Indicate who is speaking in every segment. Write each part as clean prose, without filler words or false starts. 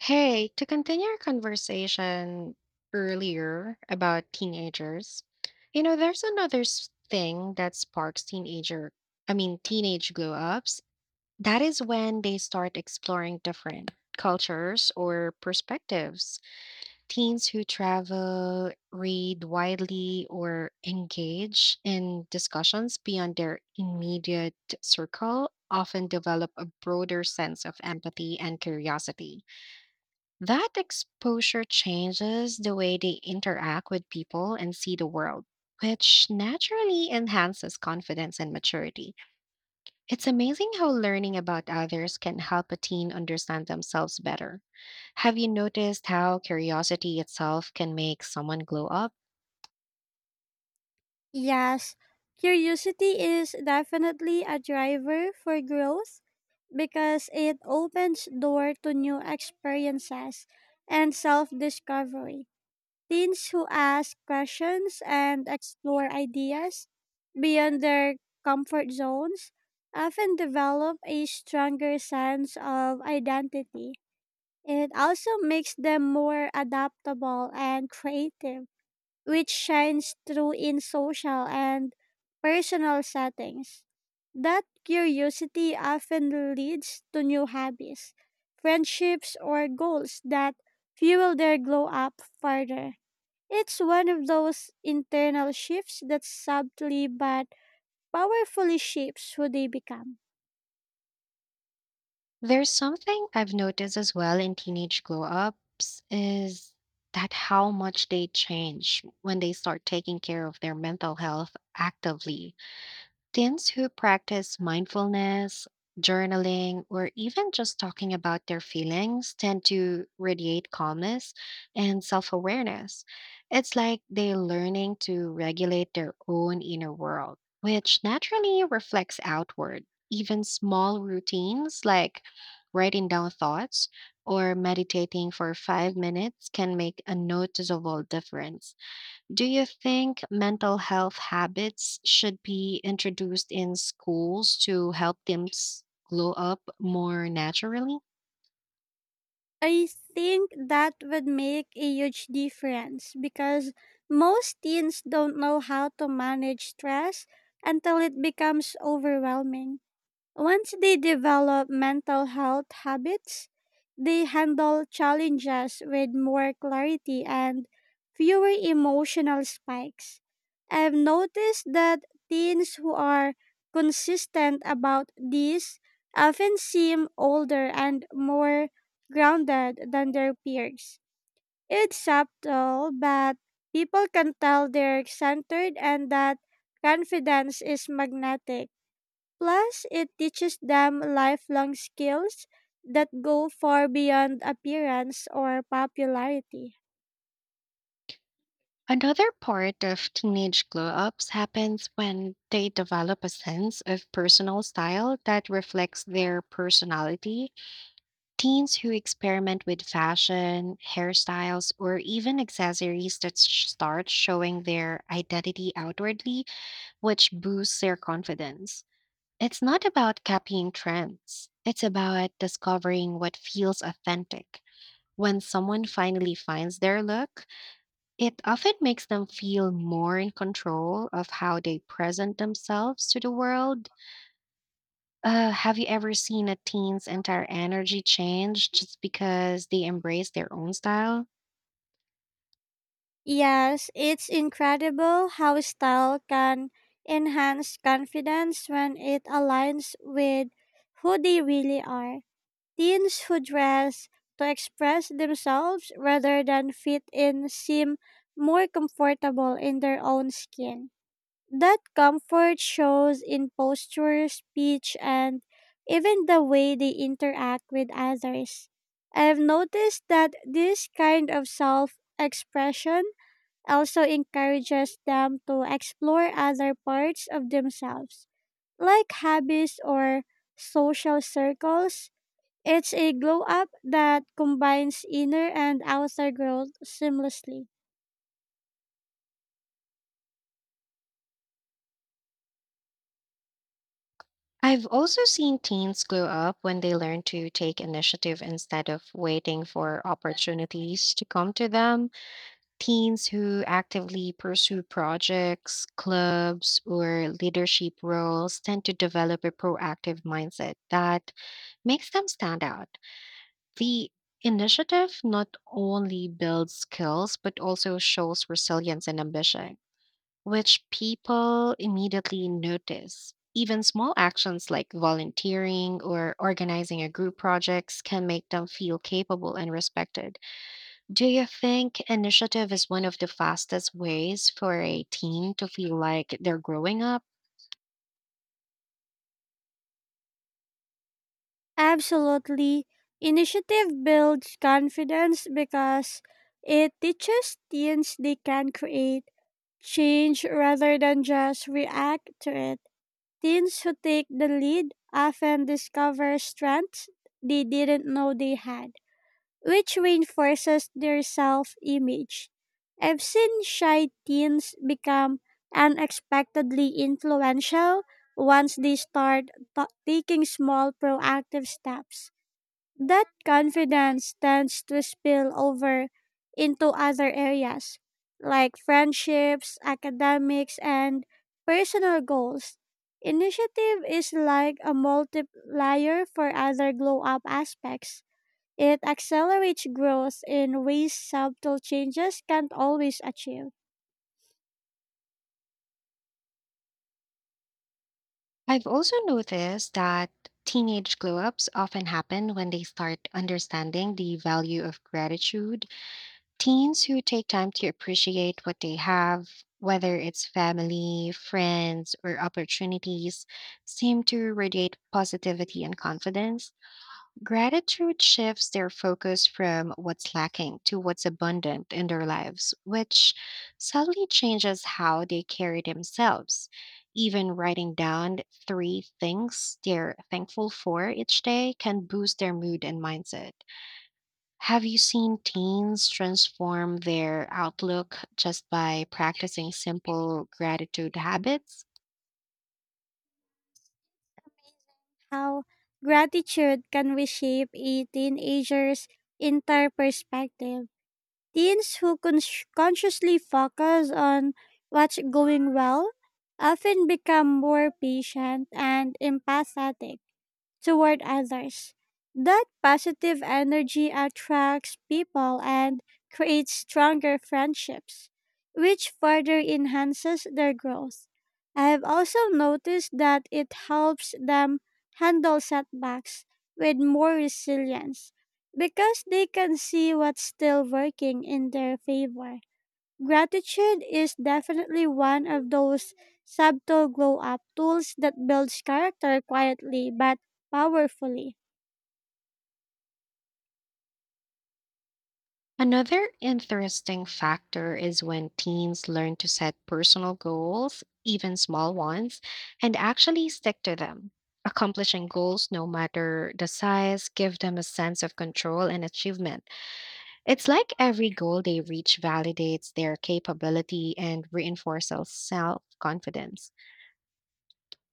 Speaker 1: Hey, to continue our conversation earlier about teenagers, you know, there's another thing that sparks teenage glow ups. That is when they start exploring different cultures or perspectives. Teens who travel, read widely, or engage in discussions beyond their immediate circle often develop a broader sense of empathy and curiosity. That exposure changes the way they interact with people and see the world, which naturally enhances confidence and maturity. It's amazing how learning about others can help a teen understand themselves better. Have you noticed how curiosity itself can make someone glow up?
Speaker 2: Yes, curiosity is definitely a driver for growth because it opens door to new experiences and self-discovery. Teens who ask questions and explore ideas beyond their comfort zones often develop a stronger sense of identity. It also makes them more adaptable and creative which shines through in social and personal settings. That curiosity often leads to new hobbies, friendships, or goals that fuel their glow up further. It's one of those internal shifts that subtly but powerfully shapes who they become.
Speaker 1: There's something I've noticed as well in teenage glow ups is that how much they change when they start taking care of their mental health actively. Teens who practice mindfulness, journaling, or even just talking about their feelings tend to radiate calmness and self awareness. It's like they're learning to regulate their own inner world, which naturally reflects outward. Even small routines like writing down thoughts or meditating for 5 minutes can make a noticeable difference. Do you think mental health habits should be introduced in schools to help them glow up more naturally?
Speaker 2: I think that would make a huge difference because most teens don't know how to manage stress until it becomes overwhelming. Once they develop mental health habits, they handle challenges with more clarity and fewer emotional spikes. I've noticed that teens who are consistent about this often seem older and more grounded than their peers. It's subtle, but people can tell they're centered and that confidence is magnetic. Plus, it teaches them lifelong skills that go far beyond appearance or popularity.
Speaker 1: Another part of teenage glow ups happens when they develop a sense of personal style that reflects their personality. Teens who experiment with fashion, hairstyles, or even accessories that start showing their identity outwardly, which boosts their confidence. It's not about copying trends. It's about discovering what feels authentic. When someone finally finds their look, it often makes them feel more in control of how they present themselves to the world. Have you ever seen a teen's entire energy change just because they embrace their own style?
Speaker 2: Yes, it's incredible how style can enhance confidence when it aligns with who they really are. Teens who dress to express themselves rather than fit in seem more comfortable in their own skin. That comfort shows in posture, speech, and even the way they interact with others. I've noticed that this kind of self expression also encourages them to explore other parts of themselves, like hobbies or social circles. It's a glow up that combines inner and outer growth seamlessly.
Speaker 1: I've also seen teens grow up when they learn to take initiative instead of waiting for opportunities to come to them. Teens who actively pursue projects, clubs, or leadership roles tend to develop a proactive mindset that makes them stand out. The initiative not only builds skills, but also shows resilience and ambition, which people immediately notice. Even small actions like volunteering or organizing a group projects can make them feel capable and respected. Do you think initiative is one of the fastest ways for a teen to feel like they're growing up?
Speaker 2: Absolutely. Initiative builds confidence because it teaches teens they can create change rather than just react to it. Teens who take the lead often discover strengths they didn't know they had, which reinforces their self image. I've seen shy teens become unexpectedly influential once they start taking small proactive steps. That confidence tends to spill over into other areas like friendships, academics, and personal goals. Initiative is like a multiplier for other glow up aspects. It accelerates growth in ways subtle changes can't always achieve.
Speaker 1: I've also noticed that teenage glow ups often happen when they start understanding the value of gratitude. Teens who take time to appreciate what they have, whether it's family, friends, or opportunities, seem to radiate positivity and confidence. Gratitude shifts their focus from what's lacking to what's abundant in their lives, which subtly changes how they carry themselves. Even writing down three things they're thankful for each day can boost their mood and mindset. Have you seen teens transform their outlook just by practicing simple gratitude habits?
Speaker 2: How gratitude can reshape a teenager's entire perspective. Teens who consciously focus on what's going well often become more patient and empathetic toward others. That positive energy attracts people and creates stronger friendships, which further enhances their growth. I've also noticed that it helps them handle setbacks with more resilience because they can see what's still working in their favor. Gratitude is definitely one of those subtle glow up tools that builds character quietly but powerfully.
Speaker 1: Another interesting factor is when teens learn to set personal goals, even small ones, and actually stick to them. Accomplishing goals, no matter the size, give them a sense of control and achievement. It's like every goal they reach validates their capability and reinforces self confidence.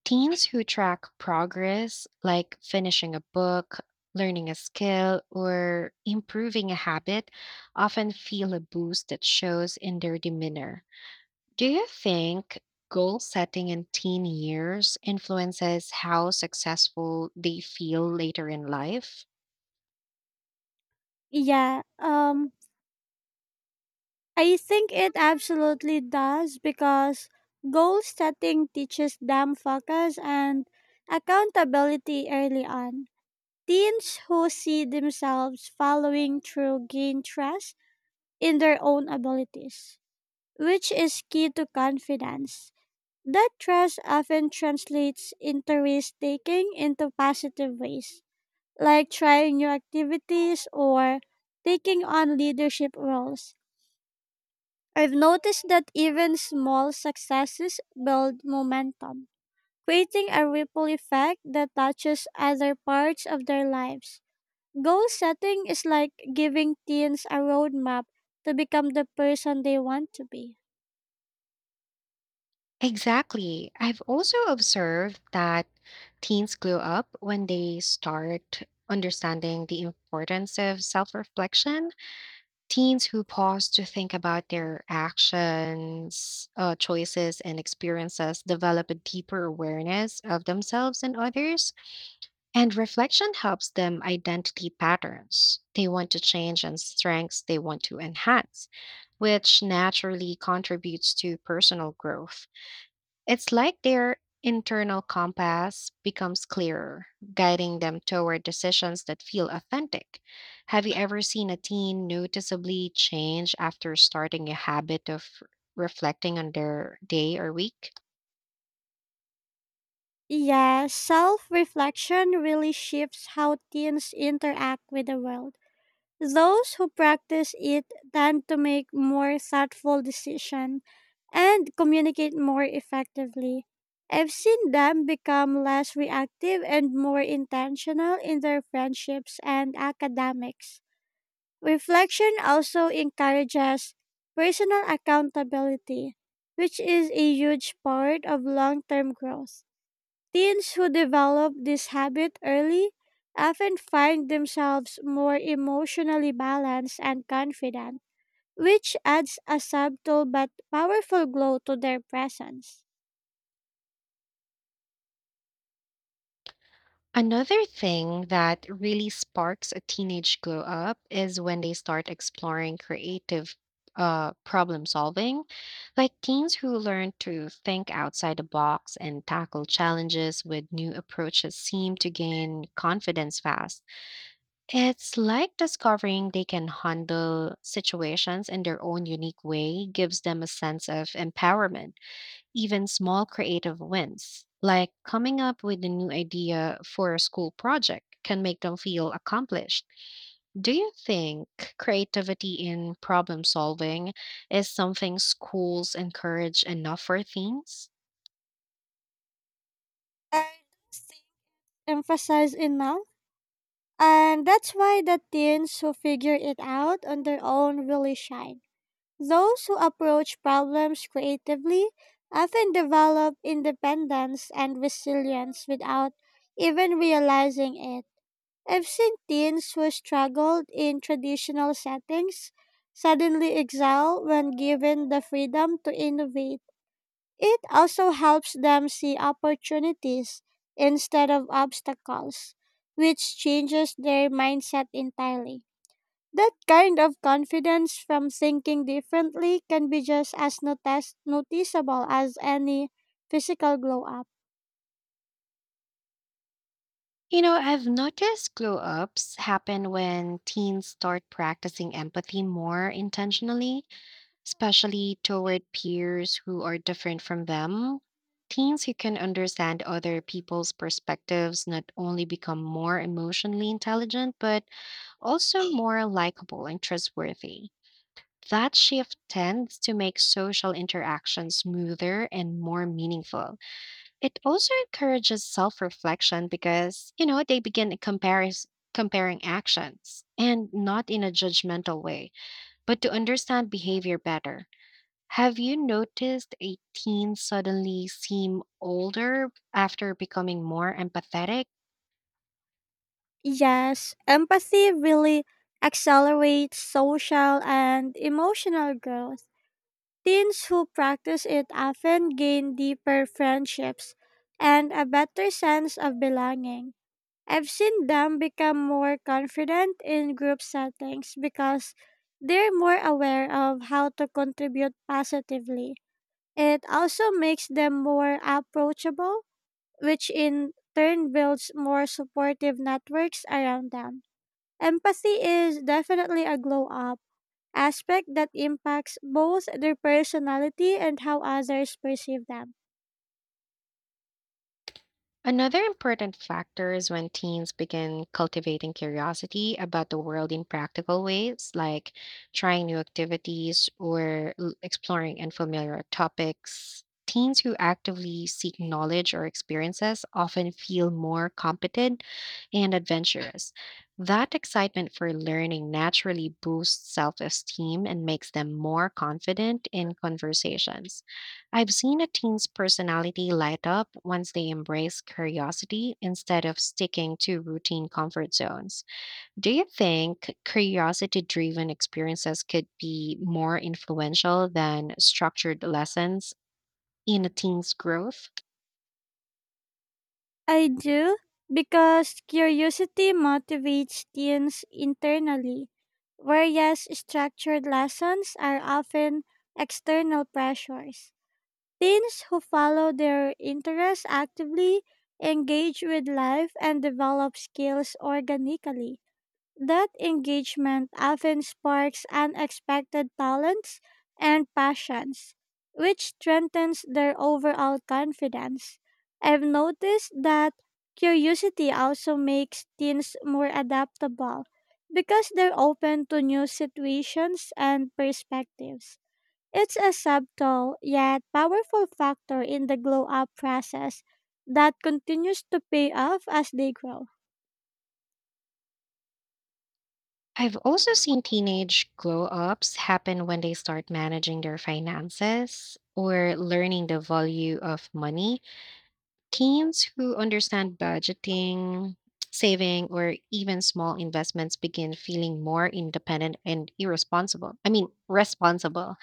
Speaker 1: Teens who track progress, like finishing a book, learning a skill, or improving a habit, often feel a boost that shows in their demeanor. Do you think goal setting in teen years influences how successful they feel later in life?
Speaker 2: Yeah, I think it absolutely does because goal setting teaches them focus and accountability early on. Teens who see themselves following through gain trust in their own abilities, which is key to confidence. That trust often translates into risk taking into positive ways, like trying new activities or taking on leadership roles. I've noticed that even small successes build momentum, creating a ripple effect that touches other parts of their lives. Goal setting is like giving teens a roadmap to become the person they want to be.
Speaker 1: Exactly. I've also observed that teens glow up when they start understanding the importance of self reflection. Teens who pause to think about their actions, choices, and experiences develop a deeper awareness of themselves and others, and reflection helps them identity patterns they want to change and strengths they want to enhance, which naturally contributes to personal growth. It's like their internal compass becomes clearer, guiding them toward decisions that feel authentic. Have you ever seen a teen noticeably change after starting a habit of reflecting on their day or week?
Speaker 2: Yeah, self reflection really shifts how teens interact with the world. Those who practice it tend to make more thoughtful decisions and communicate more effectively. I've seen them become less reactive and more intentional in their friendships and academics. Reflection also encourages personal accountability, which is a huge part of long term growth. Teens who develop this habit early often find themselves more emotionally balanced and confident, which adds a subtle but powerful glow to their presence.
Speaker 1: Another thing that really sparks a teenage glow up is when they start exploring creative problem solving, like teens who learn to think outside the box and tackle challenges with new approaches seem to gain confidence fast. It's like discovering they can handle situations in their own unique way gives them a sense of empowerment. Even small creative wins, like coming up with a new idea for a school project, can make them feel accomplished. Do you think creativity in problem solving is something schools encourage enough for teens?
Speaker 2: I don't think emphasized enough, and that's why the teens who figure it out on their own really shine. Those who approach problems creatively often develop independence and resilience without even realizing it. I've seen teens who struggled in traditional settings suddenly excel when given the freedom to innovate. It also helps them see opportunities instead of obstacles, which changes their mindset entirely. That kind of confidence from thinking differently can be just as noticeable as any physical glow up.
Speaker 1: You know, I've noticed glow ups happen when teens start practicing empathy more intentionally, especially toward peers who are different from them. Teens who can understand other people's perspectives not only become more emotionally intelligent, but also more likable and trustworthy. That shift tends to make social interactions smoother and more meaningful. It also encourages self reflection because, you know, they begin comparing actions and not in a judgmental way, but to understand behavior better. Have you noticed a teen suddenly seem older after becoming more empathetic?
Speaker 2: Yes, empathy really accelerates social and emotional growth. Teens who practice it often gain deeper friendships and a better sense of belonging. I've seen them become more confident in group settings because they're more aware of how to contribute positively. It also makes them more approachable, which in turn builds more supportive networks around them. Empathy is definitely a glow up aspect that impacts both their personality and how others perceive them.
Speaker 1: Another important factor is when teens begin cultivating curiosity about the world in practical ways, like trying new activities or exploring unfamiliar topics. Teens who actively seek knowledge or experiences often feel more competent and adventurous. That excitement for learning naturally boosts self esteem and makes them more confident in conversations. I've seen a teen's personality light up once they embrace curiosity instead of sticking to routine comfort zones. Do you think curiosity driven experiences could be more influential than structured lessons in a teen's growth?
Speaker 2: I do because curiosity motivates teens internally, whereas structured lessons are often external pressures. Teens who follow their interests actively engage with life and develop skills organically. That engagement often sparks unexpected talents and passions, which strengthens their overall confidence. I've noticed that curiosity also makes teens more adaptable because they're open to new situations and perspectives. It's a subtle yet powerful factor in the glow up process that continues to pay off as they grow.
Speaker 1: I've also seen teenage glow ups happen when they start managing their finances or learning the value of money. Teens who understand budgeting, saving, or even small investments begin feeling more independent and responsible.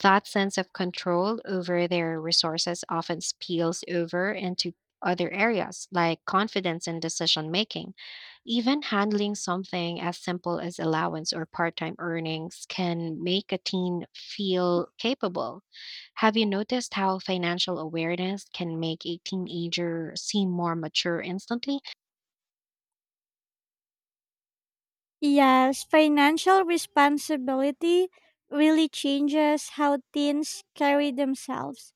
Speaker 1: That sense of control over their resources often spills over into other areas like confidence in decision making. Even handling something as simple as allowance or part time earnings can make a teen feel capable. Have you noticed how financial awareness can make a teenager seem more mature instantly?
Speaker 2: Yes, financial responsibility really changes how teens carry themselves.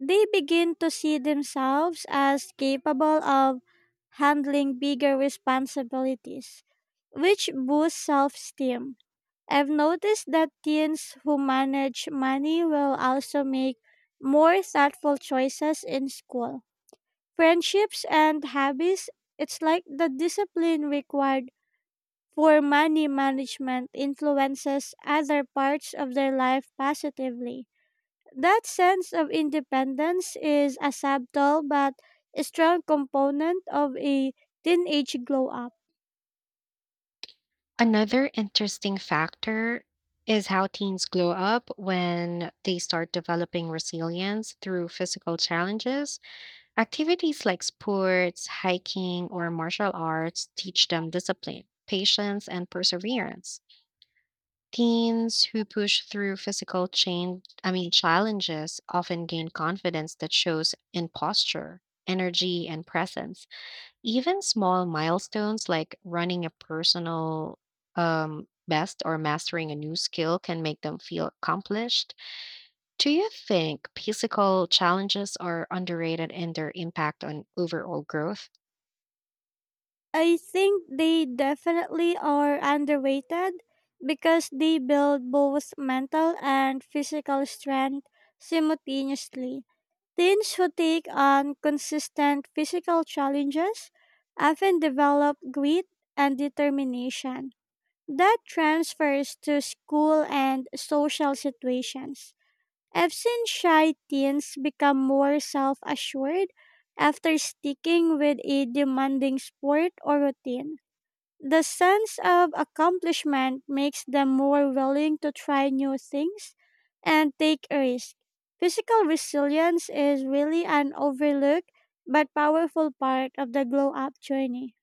Speaker 2: They begin to see themselves as capable of handling bigger responsibilities, which boosts self esteem. I've noticed that teens who manage money will also make more thoughtful choices in school. Friendships and habits, it's like the discipline required for money management influences other parts of their life positively. That sense of independence is a subtle but strong component of a teenage glow up.
Speaker 1: Another interesting factor is how teens glow up when they start developing resilience through physical challenges. Activities like sports, hiking, or martial arts teach them discipline, patience, and perseverance. Teens who push through physical change, I mean challenges often gain confidence that shows in posture, energy, and presence. Even small milestones like running a personal best or mastering a new skill can make them feel accomplished. Do you think physical challenges are underrated in their impact on overall growth?
Speaker 2: I think they definitely are underrated because they build both mental and physical strength simultaneously. Teens who take on consistent physical challenges often develop grit and determination. That transfers to school and social situations. I've seen shy teens become more self assured after sticking with a demanding sport or routine. The sense of accomplishment makes them more willing to try new things and take a risk. Physical resilience is really an overlooked but powerful part of the glow up journey.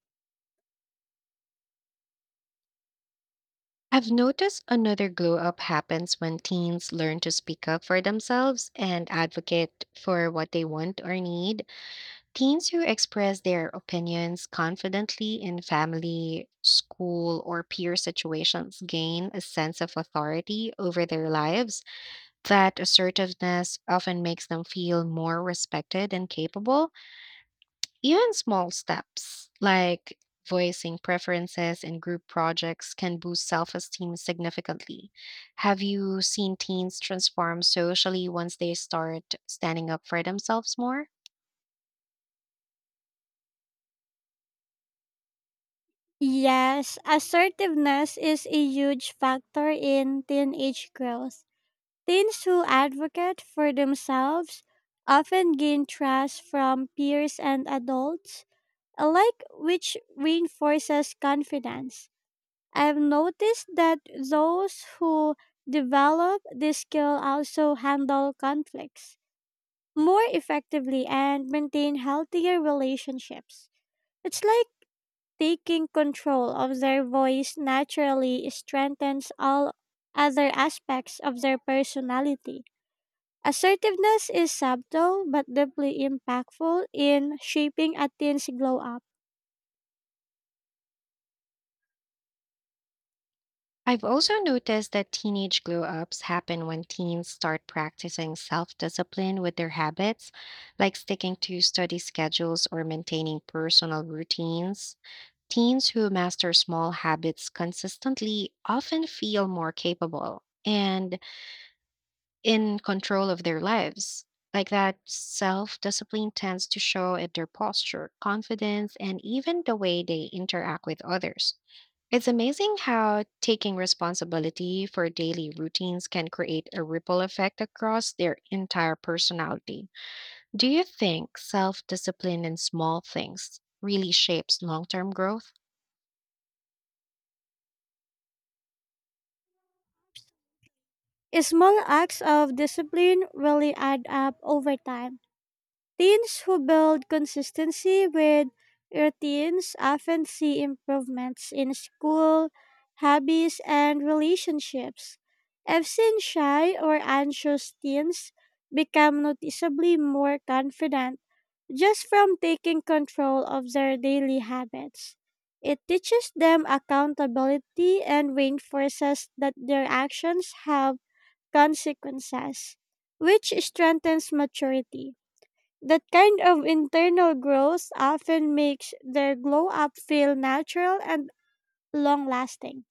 Speaker 1: I've noticed another glow up happens when teens learn to speak up for themselves and advocate for what they want or need. Teens who express their opinions confidently in family, school, or peer situations gain a sense of authority over their lives. That assertiveness often makes them feel more respected and capable. Even small steps, like voicing preferences in group projects, can boost self esteem significantly. Have you seen teens transform socially once they start standing up for themselves more?
Speaker 2: Yes, assertiveness is a huge factor in teenage growth. Teens who advocate for themselves often gain trust from peers and adults alike, which reinforces confidence. I've noticed that those who develop this skill also handle conflicts more effectively and maintain healthier relationships. It's like taking control of their voice naturally strengthens all other aspects of their personality. Assertiveness is subtle but deeply impactful in shaping a teen's glow up.
Speaker 1: I've also noticed that teenage glow ups happen when teens start practicing self discipline with their habits, like sticking to study schedules or maintaining personal routines. Teens who master small habits consistently often feel more capable and in control of their lives. Like that, self discipline tends to show in their posture, confidence, and even the way they interact with others. It's amazing how taking responsibility for daily routines can create a ripple effect across their entire personality. Do you think self discipline in small things really shapes long term growth?
Speaker 2: Small acts of discipline really add up over time. Teens who build consistency with routines often see improvements in school, hobbies, and relationships. I've seen shy or anxious teens become noticeably more confident just from taking control of their daily habits. It teaches them accountability and reinforces that their actions have consequences, which strengthens maturity. That kind of internal growth often makes their glow up feel natural and long lasting.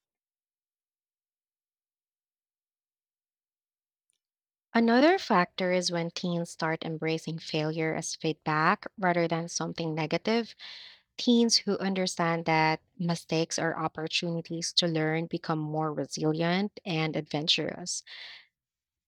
Speaker 1: Another factor is when teens start embracing failure as feedback rather than something negative. Teens who understand that mistakes are opportunities to learn become more resilient and adventurous.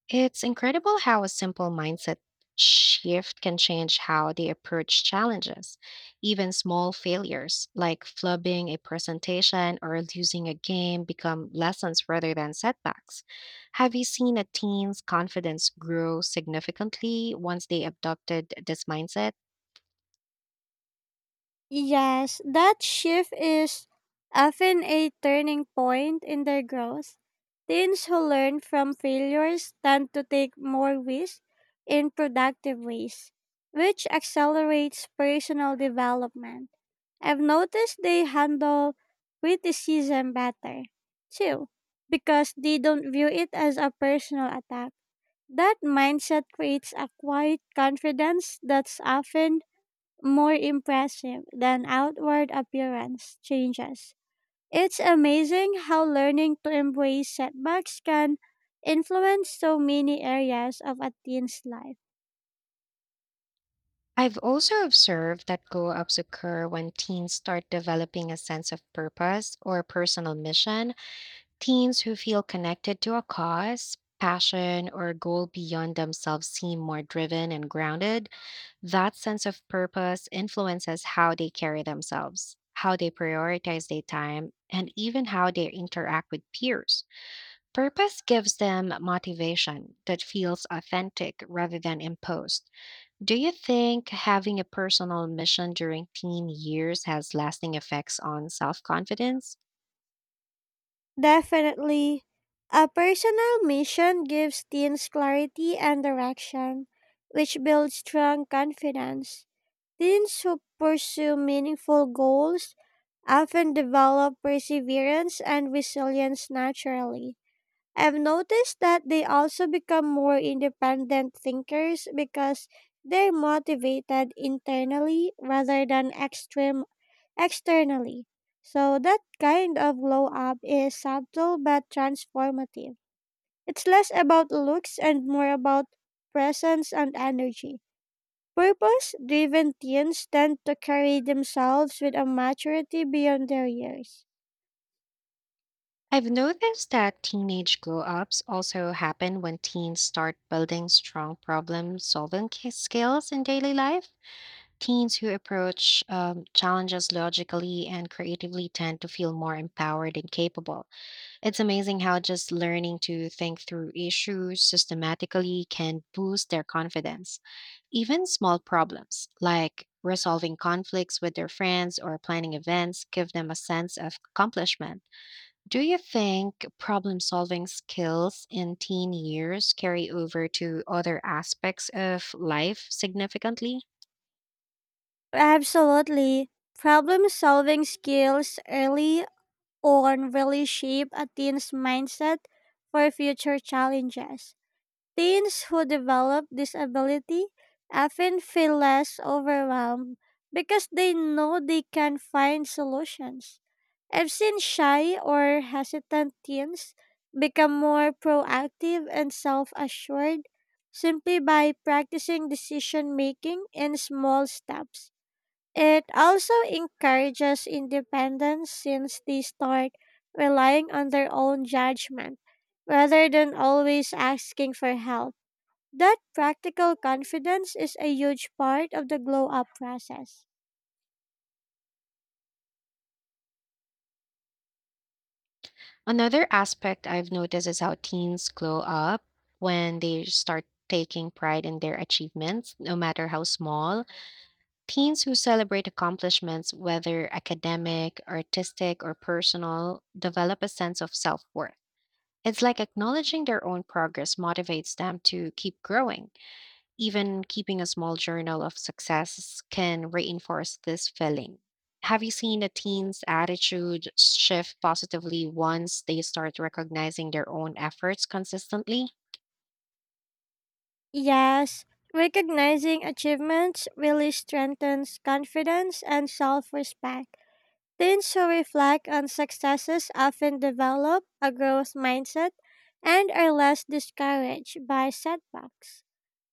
Speaker 1: It's incredible how a simple mindset shift can change how they approach challenges. Even small failures, like flubbing a presentation or losing a game, become lessons rather than setbacks. Have you seen a teen's confidence grow significantly once they adopted this mindset?
Speaker 2: Yes, that shift is often a turning point in their growth. Teens who learn from failures tend to take more risks in productive ways, which accelerates personal development. I've noticed they handle criticism better, too, because they don't view it as a personal attack. That mindset creates a quiet confidence that's often more impressive than outward appearance changes. It's amazing how learning to embrace setbacks can influence so many areas of a teen's life.
Speaker 1: I've also observed that glow ups occur when teens start developing a sense of purpose or personal mission. Teens who feel connected to a cause, passion, or goal beyond themselves seem more driven and grounded. That sense of purpose influences how they carry themselves, how they prioritize their time, and even how they interact with peers. Purpose gives them motivation that feels authentic rather than imposed. Do you think having a personal mission during teen years has lasting effects on self confidence?
Speaker 2: Definitely, a personal mission gives teens clarity and direction, which builds strong confidence. Teens who pursue meaningful goals often develop perseverance and resilience naturally. I've noticed that they also become more independent thinkers because they're motivated internally rather than extreme externally. So that kind of glow up is subtle but transformative. It's less about looks and more about presence and energy. Purpose driven teens tend to carry themselves with a maturity beyond their years.
Speaker 1: I've noticed that teenage glow ups also happen when teens start building strong problem solving skills in daily life. Teens who approach challenges logically and creatively tend to feel more empowered and capable. It's amazing how just learning to think through issues systematically can boost their confidence. Even small problems like resolving conflicts with their friends or planning events give them a sense of accomplishment. Do you think problem solving skills in teen years carry over to other aspects of life significantly?
Speaker 2: Absolutely. Problem solving skills early on really shape a teen's mindset for future challenges. Teens who develop this ability often feel less overwhelmed because they know they can find solutions. I've seen shy or hesitant teens become more proactive and self assured simply by practicing decision making in small steps. It also encourages independence since they start relying on their own judgment rather than always asking for help. That practical confidence is a huge part of the glow up process.
Speaker 1: Another aspect I've noticed is how teens glow up when they start taking pride in their achievements, no matter how small. Teens who celebrate accomplishments, whether academic, artistic, or personal, develop a sense of self worth. It's like acknowledging their own progress motivates them to keep growing. Even keeping a small journal of success can reinforce this feeling. Have you seen a teen's attitude shift positively once they start recognizing their own efforts consistently?
Speaker 2: Yes, recognizing achievements really strengthens confidence and self respect. Teens who reflect on successes often develop a growth mindset and are less discouraged by setbacks.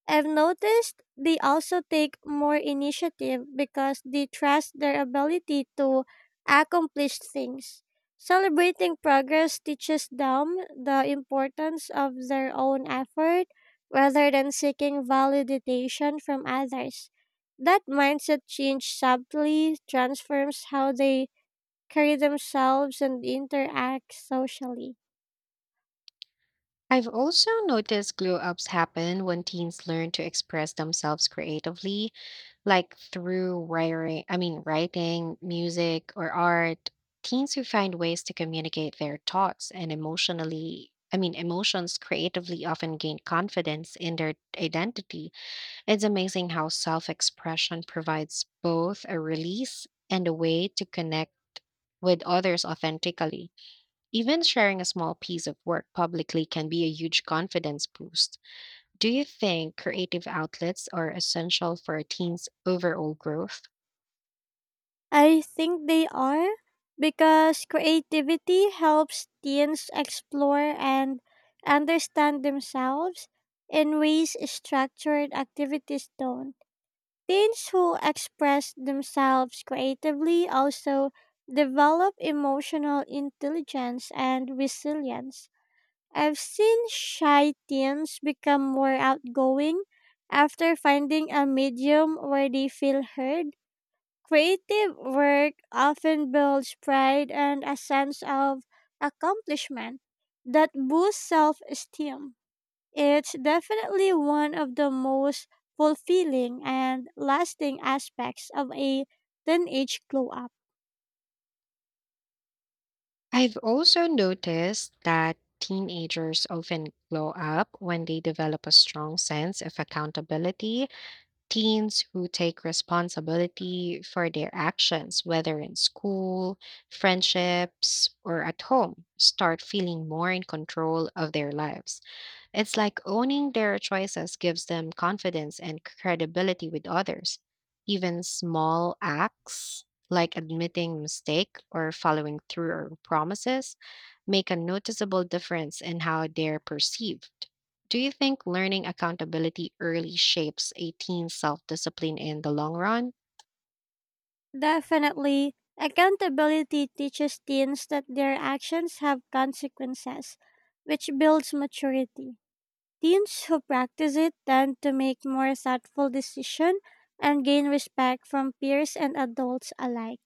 Speaker 2: I've noticed they also take more initiative because they trust their ability to accomplish things. Celebrating progress teaches them the importance of their own effort rather than seeking validation from others. That mindset change subtly transforms how they carry themselves and interact socially.
Speaker 1: I've also noticed glow ups happen when teens learn to express themselves creatively. Like through writing, music, or art, teens who find ways to communicate their thoughts and emotions creatively often gain confidence in their identity. It's amazing how self expression provides both a release and a way to connect with others authentically. Even sharing a small piece of work publicly can be a huge confidence boost. Do you think creative outlets are essential for a teen's overall growth?
Speaker 2: I think they are because creativity helps teens explore and understand themselves in ways structured activities don't. Teens who express themselves creatively also develop emotional intelligence and resilience. I've seen shy teens become more outgoing after finding a medium where they feel heard. Creative work often builds pride and a sense of accomplishment that boosts self esteem. It's definitely one of the most fulfilling and lasting aspects of a teenage glow up.
Speaker 1: I've also noticed that teenagers often glow up when they develop a strong sense of accountability. Teens who take responsibility for their actions, whether in school, friendships, or at home, start feeling more in control of their lives. It's like owning their choices gives them confidence and credibility with others. Even small acts like admitting mistake or following through on promises make a noticeable difference in how they're perceived. Do you think learning accountability early shapes a teen's self discipline in the long run?
Speaker 2: Definitely, accountability teaches teens that their actions have consequences, which builds maturity. Teens who practice it tend to make more thoughtful decisions and gain respect from peers and adults alike.